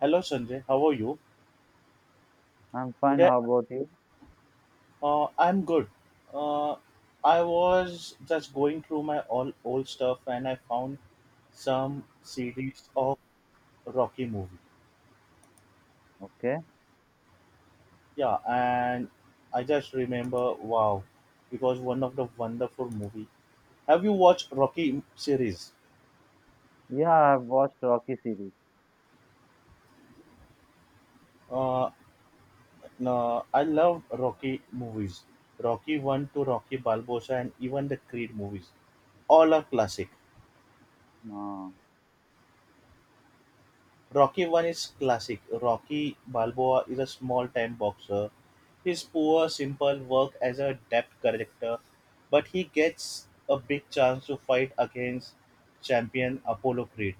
Hello Sanjay, how are you? I'm fine. Today How about you? I'm good. Uh, I was just going through my all old stuff and I found some series of Rocky movie. Okay. Yeah, and I just remember wow, it was one of the wonderful movie. Have you watched Rocky series? Yeah, I've watched Rocky series. Uh, no, I love Rocky movies. Rocky 1 to Rocky Balboa and even the Creed movies. All are classic. Uh, Rocky One is classic. Rocky Balboa is a small-time boxer. His poor, simple work as a depth corrector, but he gets a big chance to fight against champion Apollo Creed.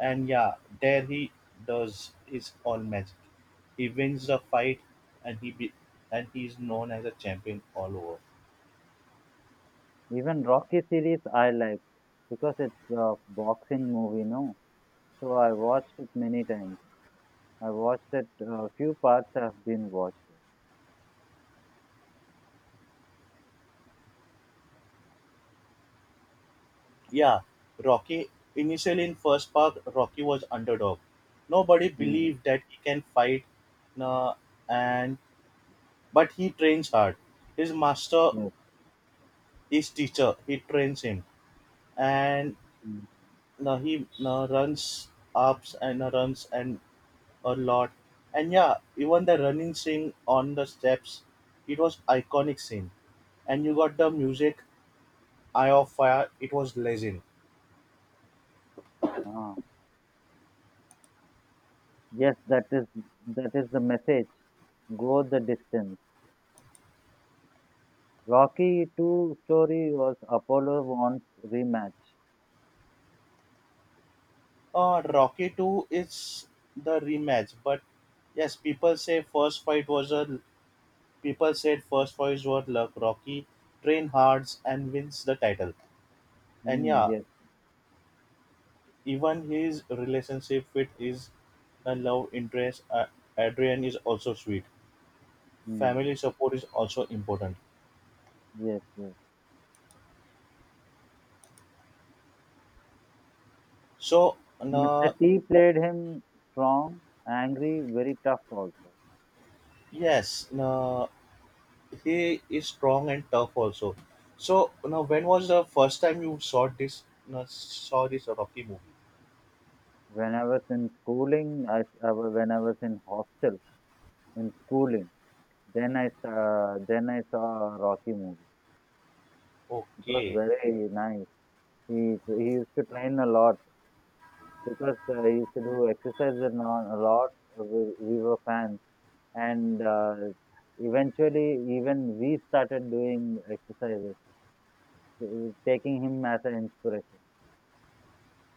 And yeah, there he does his all magic. He wins the fight, and and he is known as a champion all over. even Rocky series I like because it's a boxing movie, no? So I watched it many times. I watched it a few parts have been watched. Yeah, Rocky initially in first part, Rocky was underdog. Nobody Mm, believed that he can fight, uh, and but he trains hard. His master, yes. his teacher, he trains him, and Mm. he runs ups and runs and a lot. And yeah, even the running scene on the steps, it was iconic scene. And you got the music, Eye of Fire, it was legend. Ah, yes, that is the message. Go the distance. Rocky 2 story was Apollo wants rematch. Rocky 2 is the rematch, but yes, people say first fight was a people said first fights were luck. Rocky train hard and wins the title, and Mm, yeah, yes. even his relationship with his love interest Adrian is also sweet. Mm, Family support is also important. yes. Yes. So, Mr. uh, T played him strong, angry, very tough also. yes, uh, he is strong and tough also. So, now when was the first time you saw this? Saw this Rocky movie? When I was in schooling, when I was in hostel in schooling, then I saw a Rocky movie. It was Okay. very nice. He used to train a lot because he used to do exercises a lot. We were fans, and eventually even we started doing exercises, uh, taking him as an inspiration.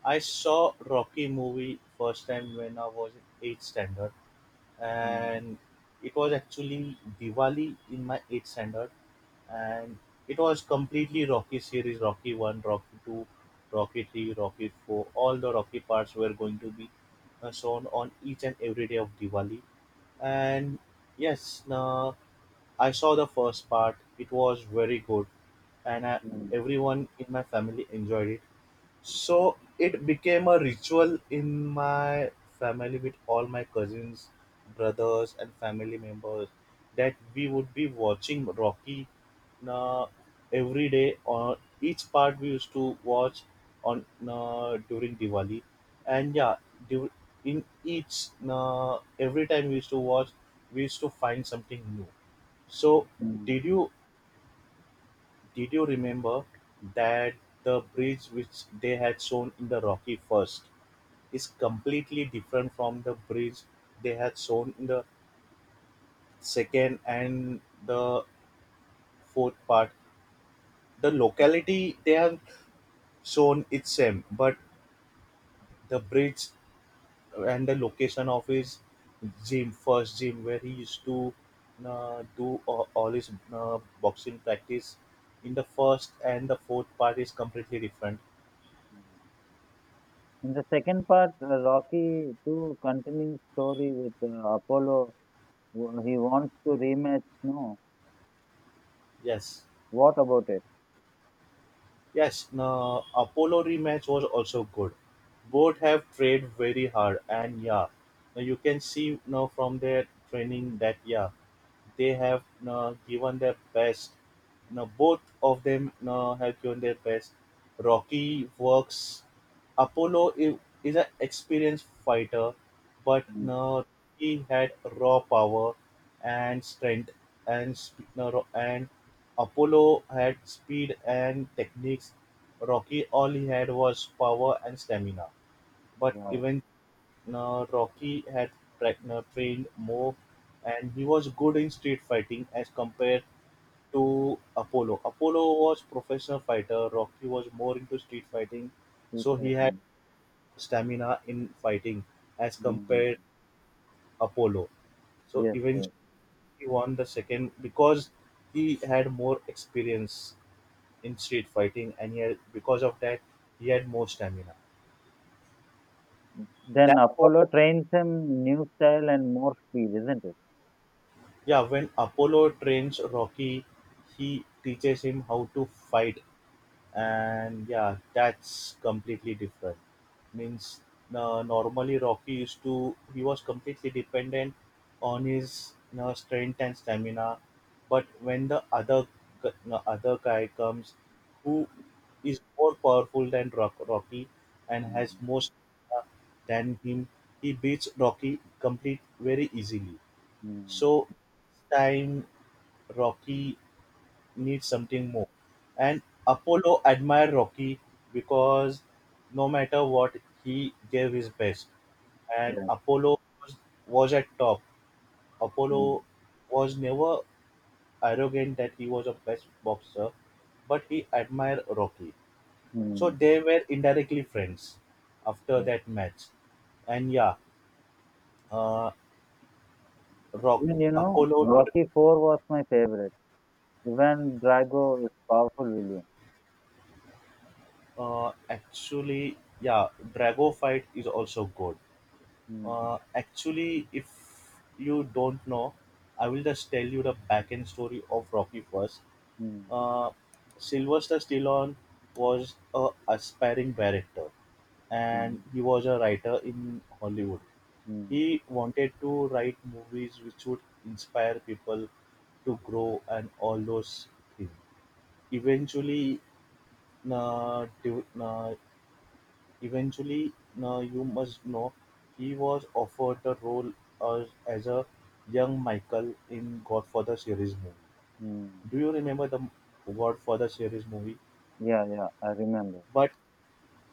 I saw Rocky movie first time when I was in 8th standard Mm, and it was actually Diwali in my 8th standard, and it was completely Rocky series Rocky 1, Rocky 2, Rocky 3, Rocky 4, all the Rocky parts were going to be shown on each and every day of Diwali, and yes now I saw the first part, it was very good, and I, mm, everyone in my family enjoyed it. So it became a ritual in my family with all my cousins, brothers, and family members that we would be watching Rocky uh, every day. Or each part we used to watch on during Diwali, and yeah, du- in each every time we used to watch, we used to find something new. So, mm. did you did you remember that the bridge which they had shown in the Rocky first is completely different from the bridge they had shown in the second and the fourth part. The locality they have shown it's same, but the bridge and the location of his gym, first gym where he used to do all his boxing practice in the first and the fourth part is completely different. Mm. In the second part, Rocky 2 continues story with Apollo. He wants to rematch. No, Yes. what about it? Yes, no, Apollo rematch was also good. Both have trained very hard, and yeah, now you can see now from their training that yeah, they have now given their best. Now both of them now have given their best. Rocky works Apollo is an experienced fighter, but Mm. no, he had raw power and strength, and sp- no, ro- and Apollo had speed and techniques. Rocky all he had was power and stamina, but Yeah, even no, Rocky had tra- no, trained more, and he was good in street fighting as compared to Apollo. Apollo was professional fighter. Rocky was more into street fighting, so he suicide had mission. stamina in fighting as Mm. compared Apollo. So Yes, yes. eventually he won the second because he had more experience in street fighting and he had, because of that he had more stamina. Then That's what Apollo trains him new style and more speed, isn't it? yeah, when Apollo trains Rocky, he teaches him how to fight and yeah that's completely different means normally rocky used to he was completely dependent on his you know, strength and stamina but when the other g- you other guy comes who is more powerful than rocky and has Mm. more stamina than him, he beats rocky complete very easily. Mm. So this time rocky needs something more. And Apollo admired Rocky because no matter what, he gave his best. And Yes. Was at top. Mm. Apollo was never arrogant that he was a best boxer, but he admired Rocky. So Mm. they were indirectly friends after Yes. that match. And yeah, uh, Rock Even Apollo Rocky 4 was my favorite. Even Drago is powerful villain. Actually yeah Drago fight is also good. Mm. Actually, if you don't know, I will just tell you the backend story of Rocky first. Mm. Uh, Sylvester Stallone was a aspiring director, and Mm. he was a writer in Hollywood. Mm. He wanted to write movies which would inspire people to grow and all those things. Eventually, uh, de- uh, Eventually, now you must know, he was offered the role as a young Michael in Godfather series movie. Mm. Do you remember the Godfather series movie? Yeah, yeah, I remember. But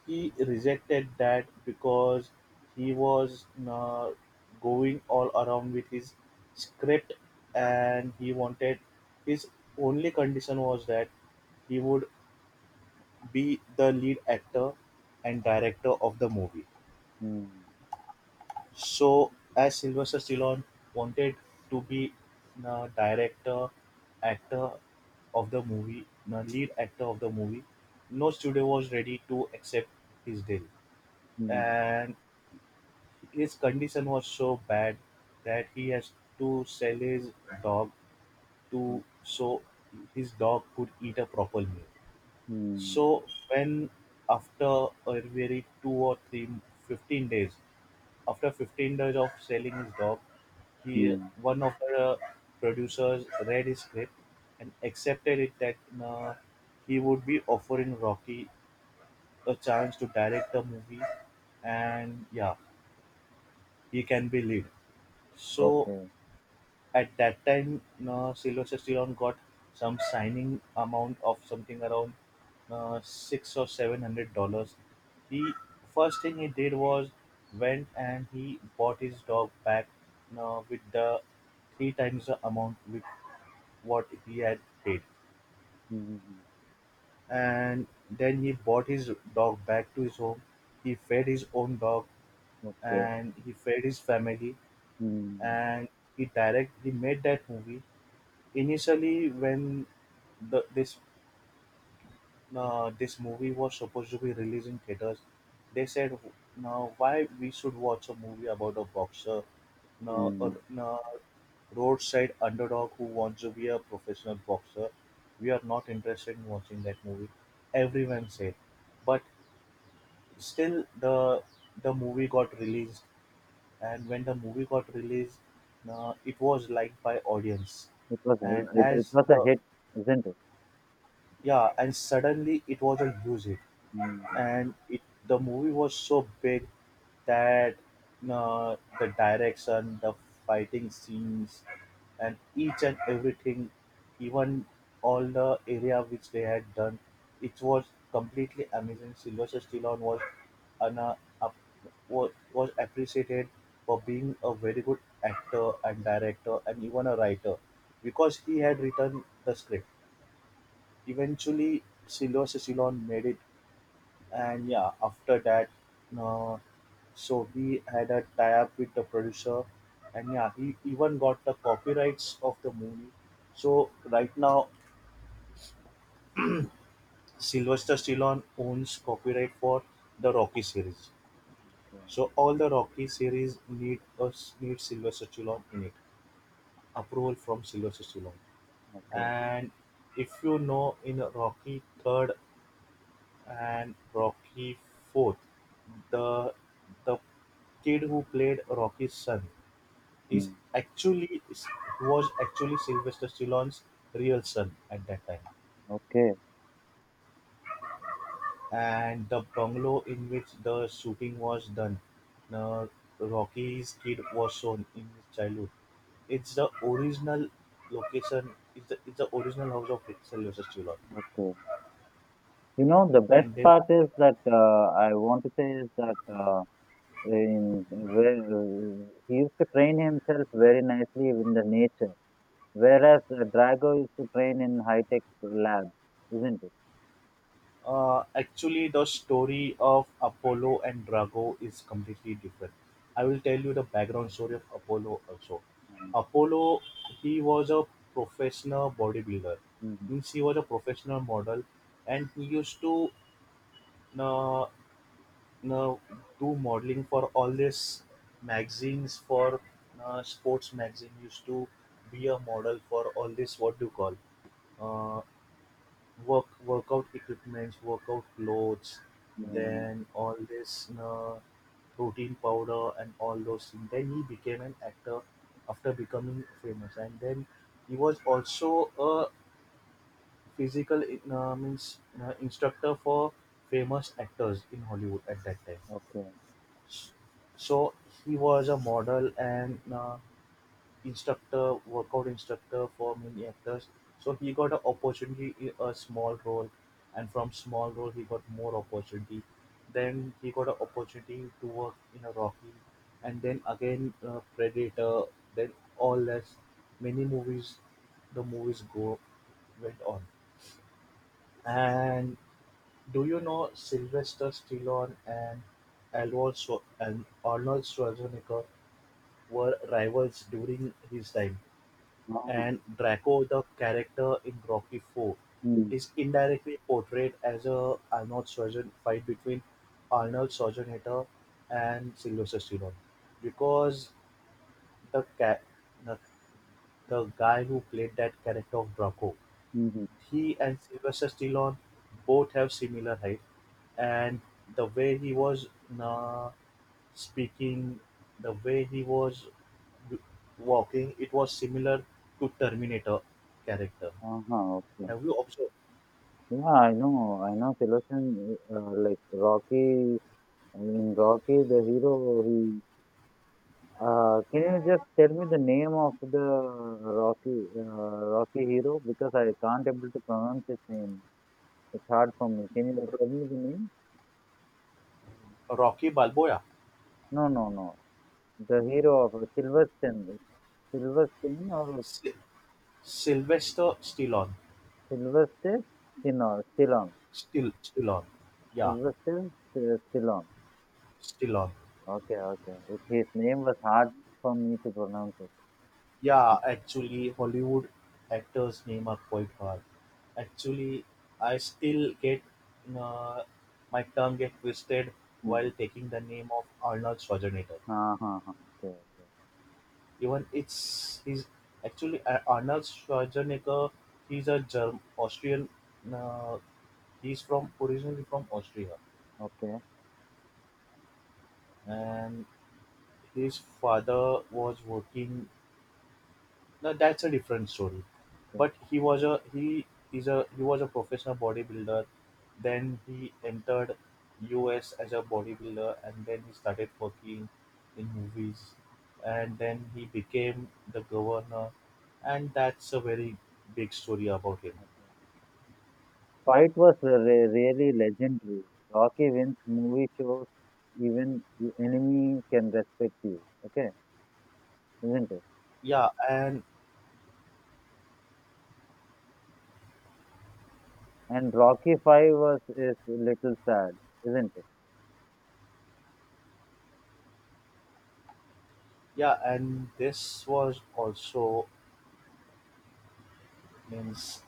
he rejected that because he was going all around with his script, and he wanted his only condition was that he would be the lead actor and director of the movie. Mm, So, as Sylvester Stallone wanted to be the director, actor of the movie, the lead actor of the movie, no studio was ready to accept his deal, mm, and his condition was so bad that he has to sell his dog mm, to so his dog could eat a proper meal. mm, So when after a very two or three fifteen days after 15 days of selling his dog, he mm. one of the producers read his script and accepted it that uh, he would be offering Rocky a chance to direct the movie, and yeah, he can be lead. So Okay. at that time, Sylvester Stallone got some signing amount of something around six or seven hundred dollars. He first thing he did was went and he bought his dog back with the three times the amount with what he had paid. Mm, And then he bought his dog back to his home. He fed his own dog okay. and he fed his family Mm, mm. and he made that movie. Initially, when this this movie was supposed to be released in theaters, they said, "Now, why we should watch a movie about a boxer, Mm, now mm, mm. now roadside underdog who wants to be a professional boxer? We are not interested in watching that movie." Everyone said, but still, the movie got released, and when the movie got released, it was liked by audience, It was and it, it as was a the hit, isn't it? yeah, and suddenly it was a music, Mm, and it the movie was so big that uh, the direction, the fighting scenes and each and everything, even all the area which they had done, it was completely amazing. Sylvester Stallone was an, uh, up, was appreciated for being a very good actor and director and even a writer because he had written the script. Eventually, Silos Ceylon made it, and yeah, after that, uh, so we had a tie-up with the producer, and yeah, he even got the copyrights of the movie. So right now, Sylvester Stallone owns copyright for the Rocky series. okay. So all the Rocky series need Sylvester Stallone in it, approval from Sylvester Stallone. Okay. And if you know, in Rocky third and Rocky Fourth, the the kid who played Rocky's son is Mm, actually is- was actually Sylvester Stallone's real son at that time. okay. And the bungalow in which the shooting was done, uh, Rocky's kid was shown in his childhood. It's the original location. It's the original house of Sylvester Stallone. Okay. You know, the best And then part is that I want to say is that in where he used to train himself very nicely in the nature, whereas Drago used to train in high tech labs, isn't it? Actually, the story of Apollo and Drago is completely different. I will tell you the background story of Apollo also. Mm, Apollo, he was a professional bodybuilder. mm, Means he was a professional model, and he used to uh, uh, do modeling for all these magazines for sports magazine. He used to be a model for all this what do you call? uh, Work workout equipments, workout clothes, mm. then all this you know, protein powder and all those things. Then he became an actor after becoming famous, and then he was also a physical means you instructor for famous actors in Hollywood at that time. Okay. So he was a model and instructor, workout instructor for many actors. So he got an opportunity in a small role, and from small role he got more opportunity. Then he got an opportunity to work in a Rocky, and then again Predator. Then all this, many movies, the movies go went on. And do you know Sylvester Stallone and Arnold Schwarzenegger were rivals during his time? Ah, And Draco, the character in Rocky Four, mm, is indirectly portrayed as a Arnold Schwarzenegger, fight between Arnold Schwarzenegger and Sylvester Stallone, because the ca- the, the guy who played that character of Draco, mhm. he and Sylvester Stallone both have similar height, and the way he was uh, speaking, the way he was walking, it was similar to Terminator character. Aha, okay. Have you observed Yeah, I know. I know Silverstone, like Rocky, in Rocky, the hero, he, can you just tell me the name of the Rocky, uh, Rocky hero? Because I can't able to pronounce his name. It's hard for me. Can you tell me the name? Rocky Balboa, No, no, no. The hero of Silverstone, Silverstein or Sy- Sylvester Stallone, Sylvester Stallone, Stallone, still Stallone, yeah, Sylvester uh, Stallone. Stallone, Okay, okay. His name was hard for me to pronounce it. yeah. Actually, Hollywood actors' name are quite hard. Actually, I still get uh, my tongue get twisted while Mm. taking the name of Arnold Schwarzenegger. हाँ, हाँ, हाँ. Okay, Even it's he's actually Arnold Schwarzenegger. He's a German Austrian. Uh, he's from originally from Austria, okay, and his father was working, no, that's a different story. okay. But he was a he is a he was a professional bodybuilder, then he entered us as a bodybuilder, and then he started working in movies, and then he became the governor, and that's a very big story about him. Fight was re really legendary. Rocky wins movie shows. Even enemy can respect you. Okay, isn't it? Yeah, and And Rocky 5 was is little sad, isn't it? yeah, and this was also, means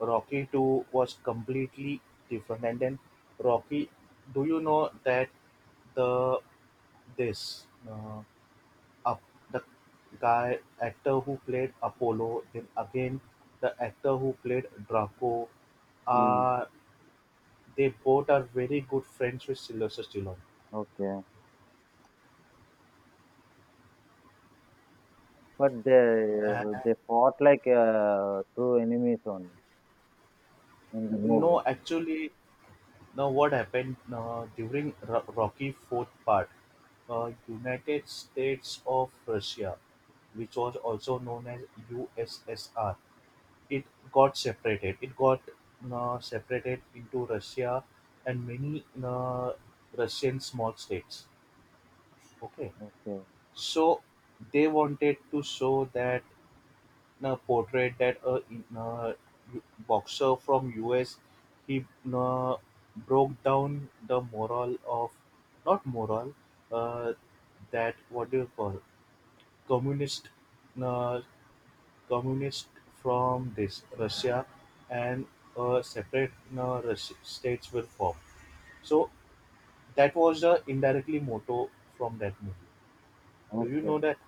Rocky Two was completely different. And then Rocky, do you know that the this up the guy actor who played Apollo, then again the actor who played Draco, Mm. uh, they both are very good friends with Sylvester Stallone. Okay, but they And they fought like true enemies only in the no, movie. actually, now, what happened during Rocky Fourth Part? United States of Russia, which was also known as USSR, it got separated. It got separated into Russia and many Russian small states. Okay, Okay, so they wanted to show that, portrayed that a uh, boxer from US, he uh, broke down the moral of, not moral, uh, that, what do you call, communist uh, communist from this Russia, and separate states were formed. So that was the indirectly motto from that movie. Do you okay, know that?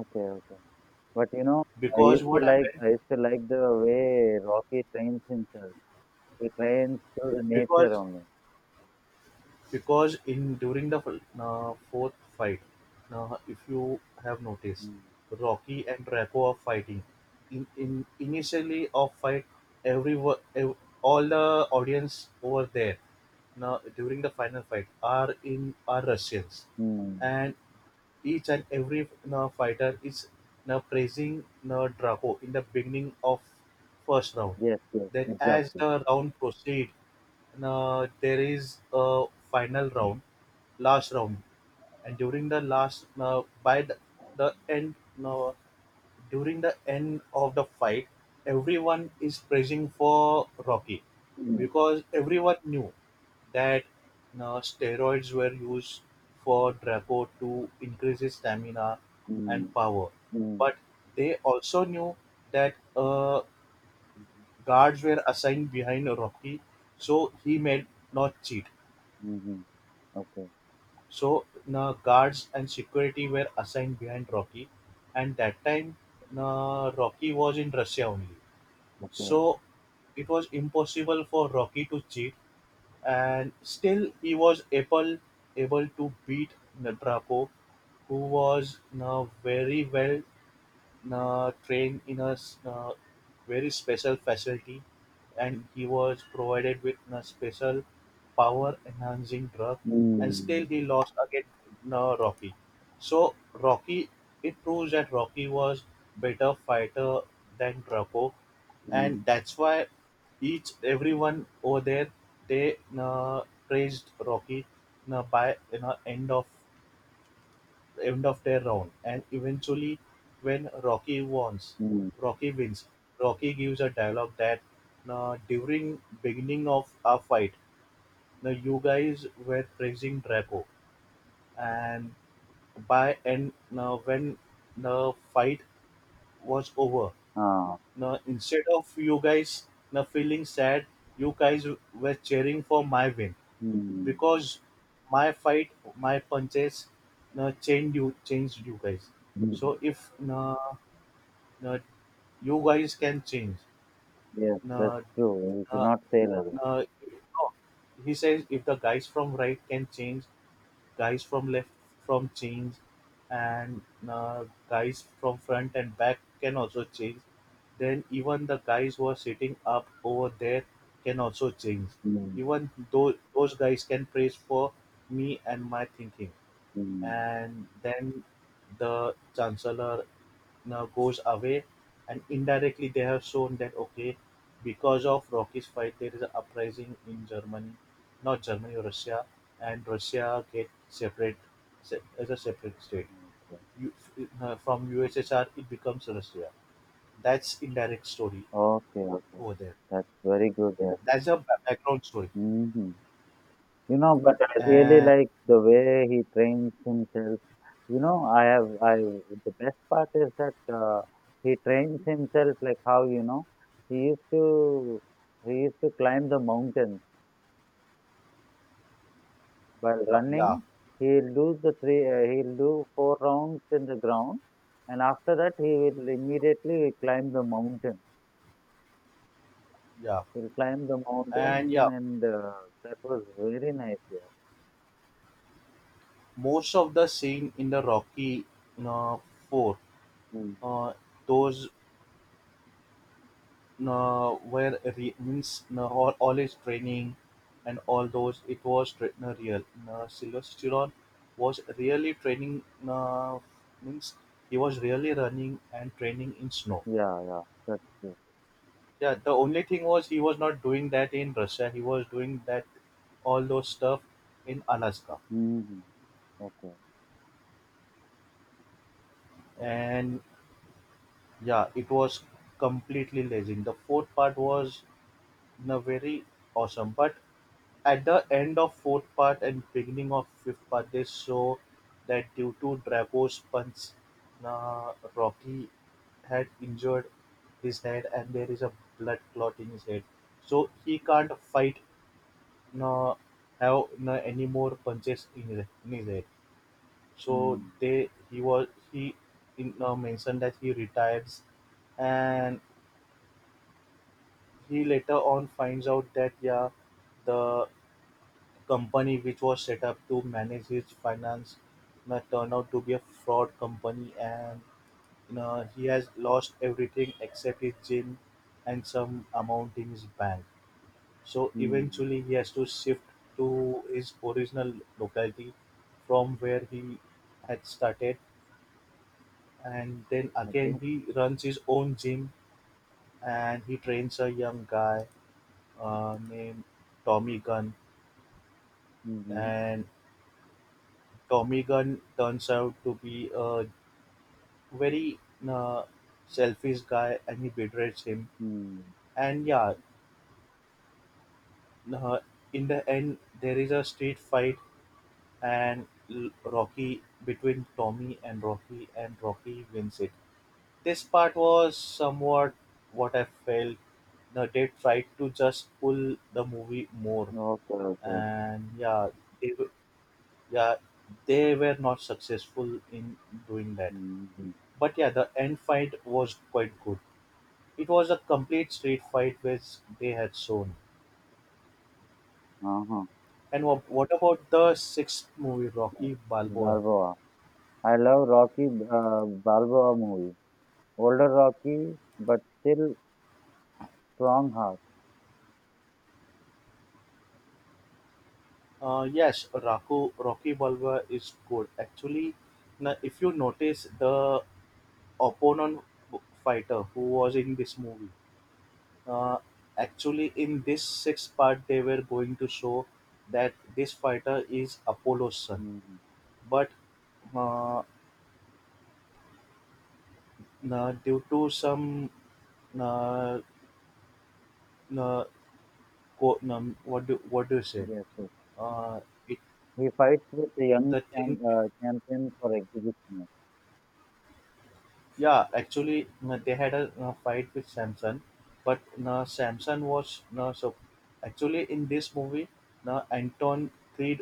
okay, okay. But you know, I Because used to what like happened? I used to like the way Rocky trains himself. He trains to the nature Because only. because in during the fourth fight, if you have noticed, Mm. Rocky and Draco are fighting. In initially of fight, every all the audience over there, now during the final fight are in are Russians, Mm. and each and every fighter is praising Draco in the beginning of first round. Yes, yes, Then, as exactly. the round proceed, there is a final round, last round, and during the last, by the end, uh, during the end of the fight, everyone is praising for Rocky Mm. because everyone knew that steroids were used for Draco to increase his stamina Mm. and power. Mm. But they also knew that guards were assigned behind Rocky, so he may not cheat. Mm-hmm. Okay, So guards and security were assigned behind Rocky, and that time Rocky was in Russia only. okay. So it was impossible for Rocky to cheat, and still he was able to beat Draco, who was now very well trained in a very special facility, and he was provided with a special power enhancing drug, and still Mm. he lost against Rocky. So Rocky, it proves that Rocky was better fighter than Draco. And Mm. that's why each everyone over there, they praised Rocky you by you know, end of their round, and eventually, when Rocky wins, Mm. Rocky wins. Rocky gives a dialogue that, "Now, during beginning of our fight, now you guys were praising Draco, and by and now when the fight was over, Ah. now instead of you guys now feeling sad, you guys were cheering for my win Mm. because my fight, my punches, changed you guys. Mm. So if uh, you guys can change, Yes, that's uh, true. You should uh, uh, not say like that. no, he says if the guys from right can change, guys from left from change, and guys from front and back can also change. Then even the guys who are sitting up over there can also change. Mm. Even though those guys can praise for me and my thinking. Mm. And then the chancellor now goes away, and indirectly they have shown that, okay, because of Rocky's fight there is an uprising in Germany, not Germany, Russia, and Russia get separate, as a separate state. Okay. You, from USSR it becomes Russia. That's indirect story Okay, okay. over there. That's very good. Yes. That's a background story. Mm-hmm. You know, but I really And like the way he trains himself. You know, The best part is that he trains himself like how, he used to, he used to climb the mountains by yeah, running. He'll do four rounds in the ground and after that he will immediately climb the mountain. yeah, He'll climb the and yeah, mountain and that was very nice, yeah. most of the scene in the Rocky, you know, four, Mm. uh, those, were, re- means all his training, and all those, it was real. Silvesteron was really training, uh, means he was really running and training in snow. Yeah, yeah, that's true. Yeah, the only thing was he was not doing that in Russia, he was doing that all those stuff in Alaska. Hmm. Okay. And yeah, it was completely amazing. The fourth part was, very awesome. But at the end of fourth part and beginning of fifth part, they show that due to Drago's punch, na Rocky had injured his head, and there is a blood clot in his head. So he can't fight, na have na any more punches in his head. So హ్మ్. they he was he in, mentioned that he retires, and he later on finds out that, yeah, the company which was set up to manage his finance now turned out to be a fraud company, and he has lost everything except his gym and some amount in his bank. So హ్మ్. eventually he has to shift to his original locality from where he had started, and then okay. again he runs his own gym, and he trains a young guy named Tommy Gunn. హుహు. And Tommy Gunn turns out to be a very uh, selfish guy, and he betrays him. And yeah, uh, in the end there is a street fight, and Rocky, between Tommy and Rocky, and Rocky wins it. This part was somewhat, what I felt, they tried to just pull the movie more. Okay. Okay. And yeah, they, w- yeah they were not successful in doing that. Hmm. హుహు. But yeah, the end fight was quite good. It was a complete street fight which they had shown. ఆహా! And what about the sixth movie, Rocky Balboa? 'Bhargava.' I love 'Rocky' ah, 'Bhargava' movie. Older Rocky, but still strong heart. Yes, Rocky Balboa is good. Actually, if you notice the opponent fighter who was in this movie, uh, actually in this sixth part they were going to show that this fighter is Apollo's son. Mhm. But uh, due to some uh, na- what do you say? Yes, yes. Uh, it He fights with the young the thing champion for exhibition. Yeah, actually they had a fight with Samson. But Samson was, so, actually in this movie, Anton Creed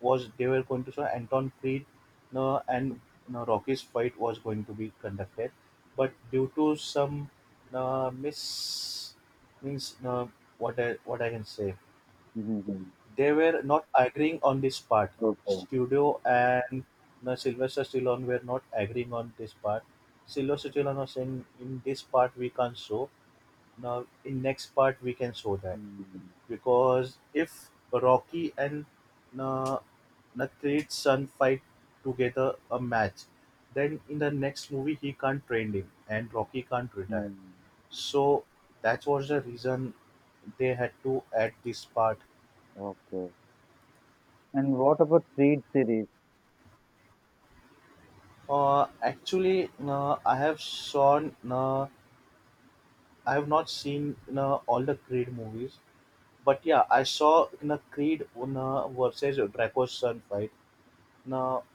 was they were going to show Anton Creed, and Rocky's fight was going to be conducted, but due to some miss means what I can say. Mhm. They were not agreeing on this part. Okay. Studio and the Sylvester Stallone were not agreeing on this part. Sylvester Stallone was saying, in this part we can't show. Now in next part we can show that, Hmm. because if Rocky and uh, Nakrid's son fight together a match, then in the next movie he can't train him and Rocky can't retire. Hmm. So that was the reason they had to add this part. Okay. And what about Creed series? Actually, no, I have not seen no, all the Creed movies, but yeah, I saw no, Creed no, versus Draco's son fight. No,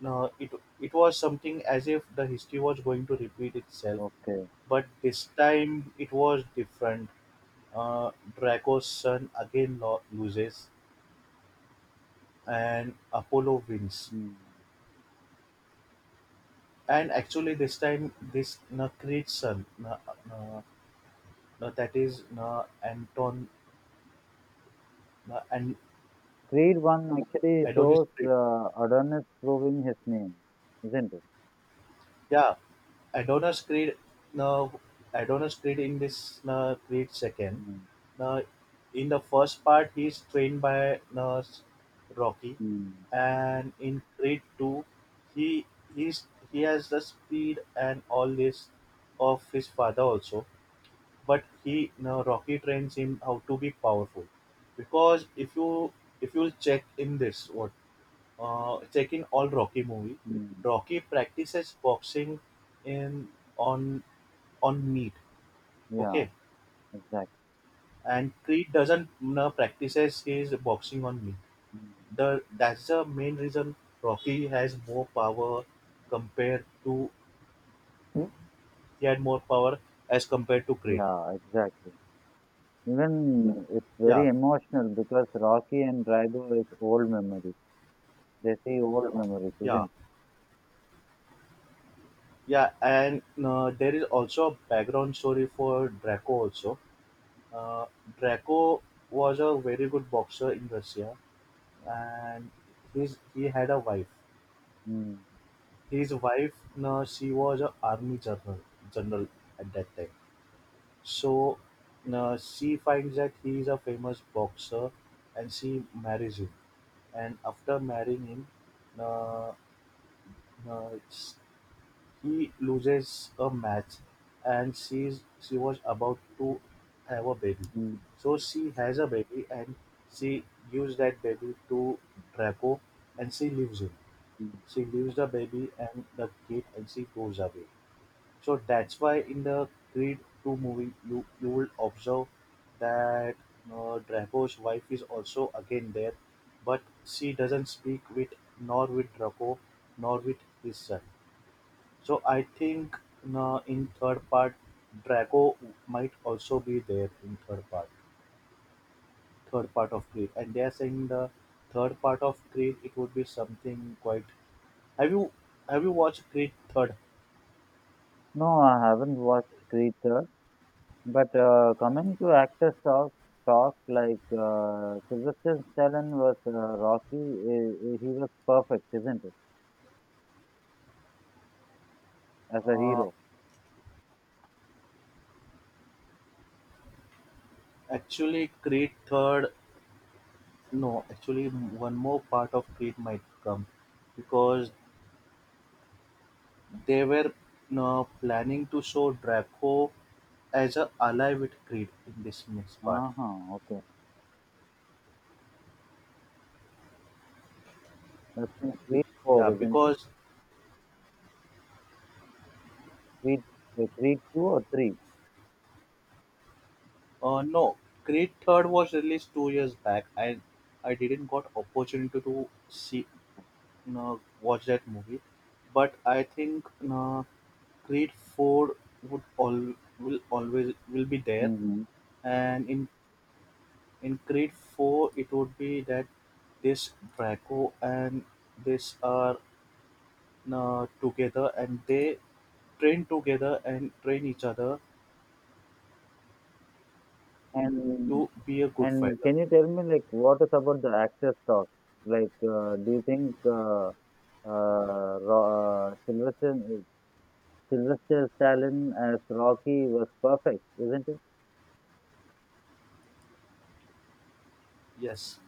no, it was something as if the history was going to repeat itself, Okay. but this time it was different. Uh, Draco's son again loses, and Apollo wins. Hmm. And actually, this time this, no, Creed's son, no, no, no, that is, no, Anton. And Creed 1 actually Adonis shows Creed. Adonis proving his name, isn't it? Yeah, Adonis Creed. Now, Adonis Creed in this Creed second. Mm, Now, in the first part, he's trained by Rocky, mm, and in Creed two, he he's he has the speed and all this of his father also. But he, now Rocky trains him how to be powerful, because if you'll check, in this what check in all Rocky movie. mm. Rocky practices boxing in on on meat. Yeah, Okay, exactly. and Creed doesn't practices his boxing on meat. Mm. The that's the main reason Rocky has more power compared to he had more power as compared to Creed. Yeah, exactly. Even it's Yeah, very emotional because Rocky and Drago is old memories. They see old memories, yeah, isn't it? yeah. And there is also a background story for Draco also. Uh, Draco was a very good boxer in Russia, and his he had a wife. Mm, His wife, no, she was a army general at that time. So, no, she finds that he is a famous boxer, and she marries him. And after marrying him, no, no, he loses a match, and she was about to have a baby. mm, So she has a baby, and she gives that baby to Draco, and she leaves him. mm. She leaves the baby and the kid, and she goes away. So that's why in the Creed 2 movie, you will observe that Draco's wife is also again there, but she doesn't speak with, nor with Draco nor with his son. So I think in third part, Draco might also be there in third part of Creed, and they are saying the third part of Creed it would be something quite. Have you have you watched Creed third? No, I haven't watched Creed 3rd. But coming to actors talk like Sylvester Stallone was Rocky, he was perfect, isn't it? As a Uh, hero. Actually, Creed third, no, actually one more part of Creed might come, because they were no planning to show Draco as a ally with Creed in this next part. Ah, ah, okay. Let's read Yeah, four, isn't it? because Read, read two or three. No, Creed third was released 2 years back, and I didn't got opportunity to see, no, watch that movie. But I think, no, Creed four would all will always will be there, Uh huh. and in Creed Four it would be that this Draco and this are together, and they train together and train each other And to be a good and fighter. can you tell me like what is about the actor's talk? Like, do you think uh Ro- uh, Sylvester Sylvester Stallone as Rocky was perfect, isn't it? Yes,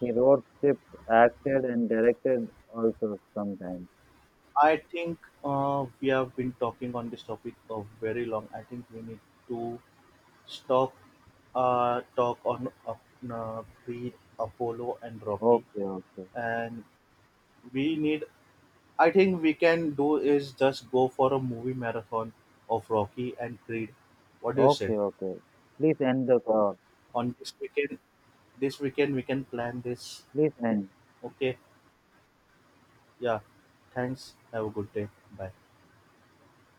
He wrote script, acted, and directed also sometimes. I think we have been talking on this topic for very long. I think we need to stop, talk on Creed, Apollo, and Rocky, Okay, okay, and we need I think we can do is just go for a movie marathon of Rocky and Creed. What do you say? okay, okay. Please end the talk. On this weekend, we can plan this. Please end. Okay. Yeah. Thanks. Have a good day. Bye.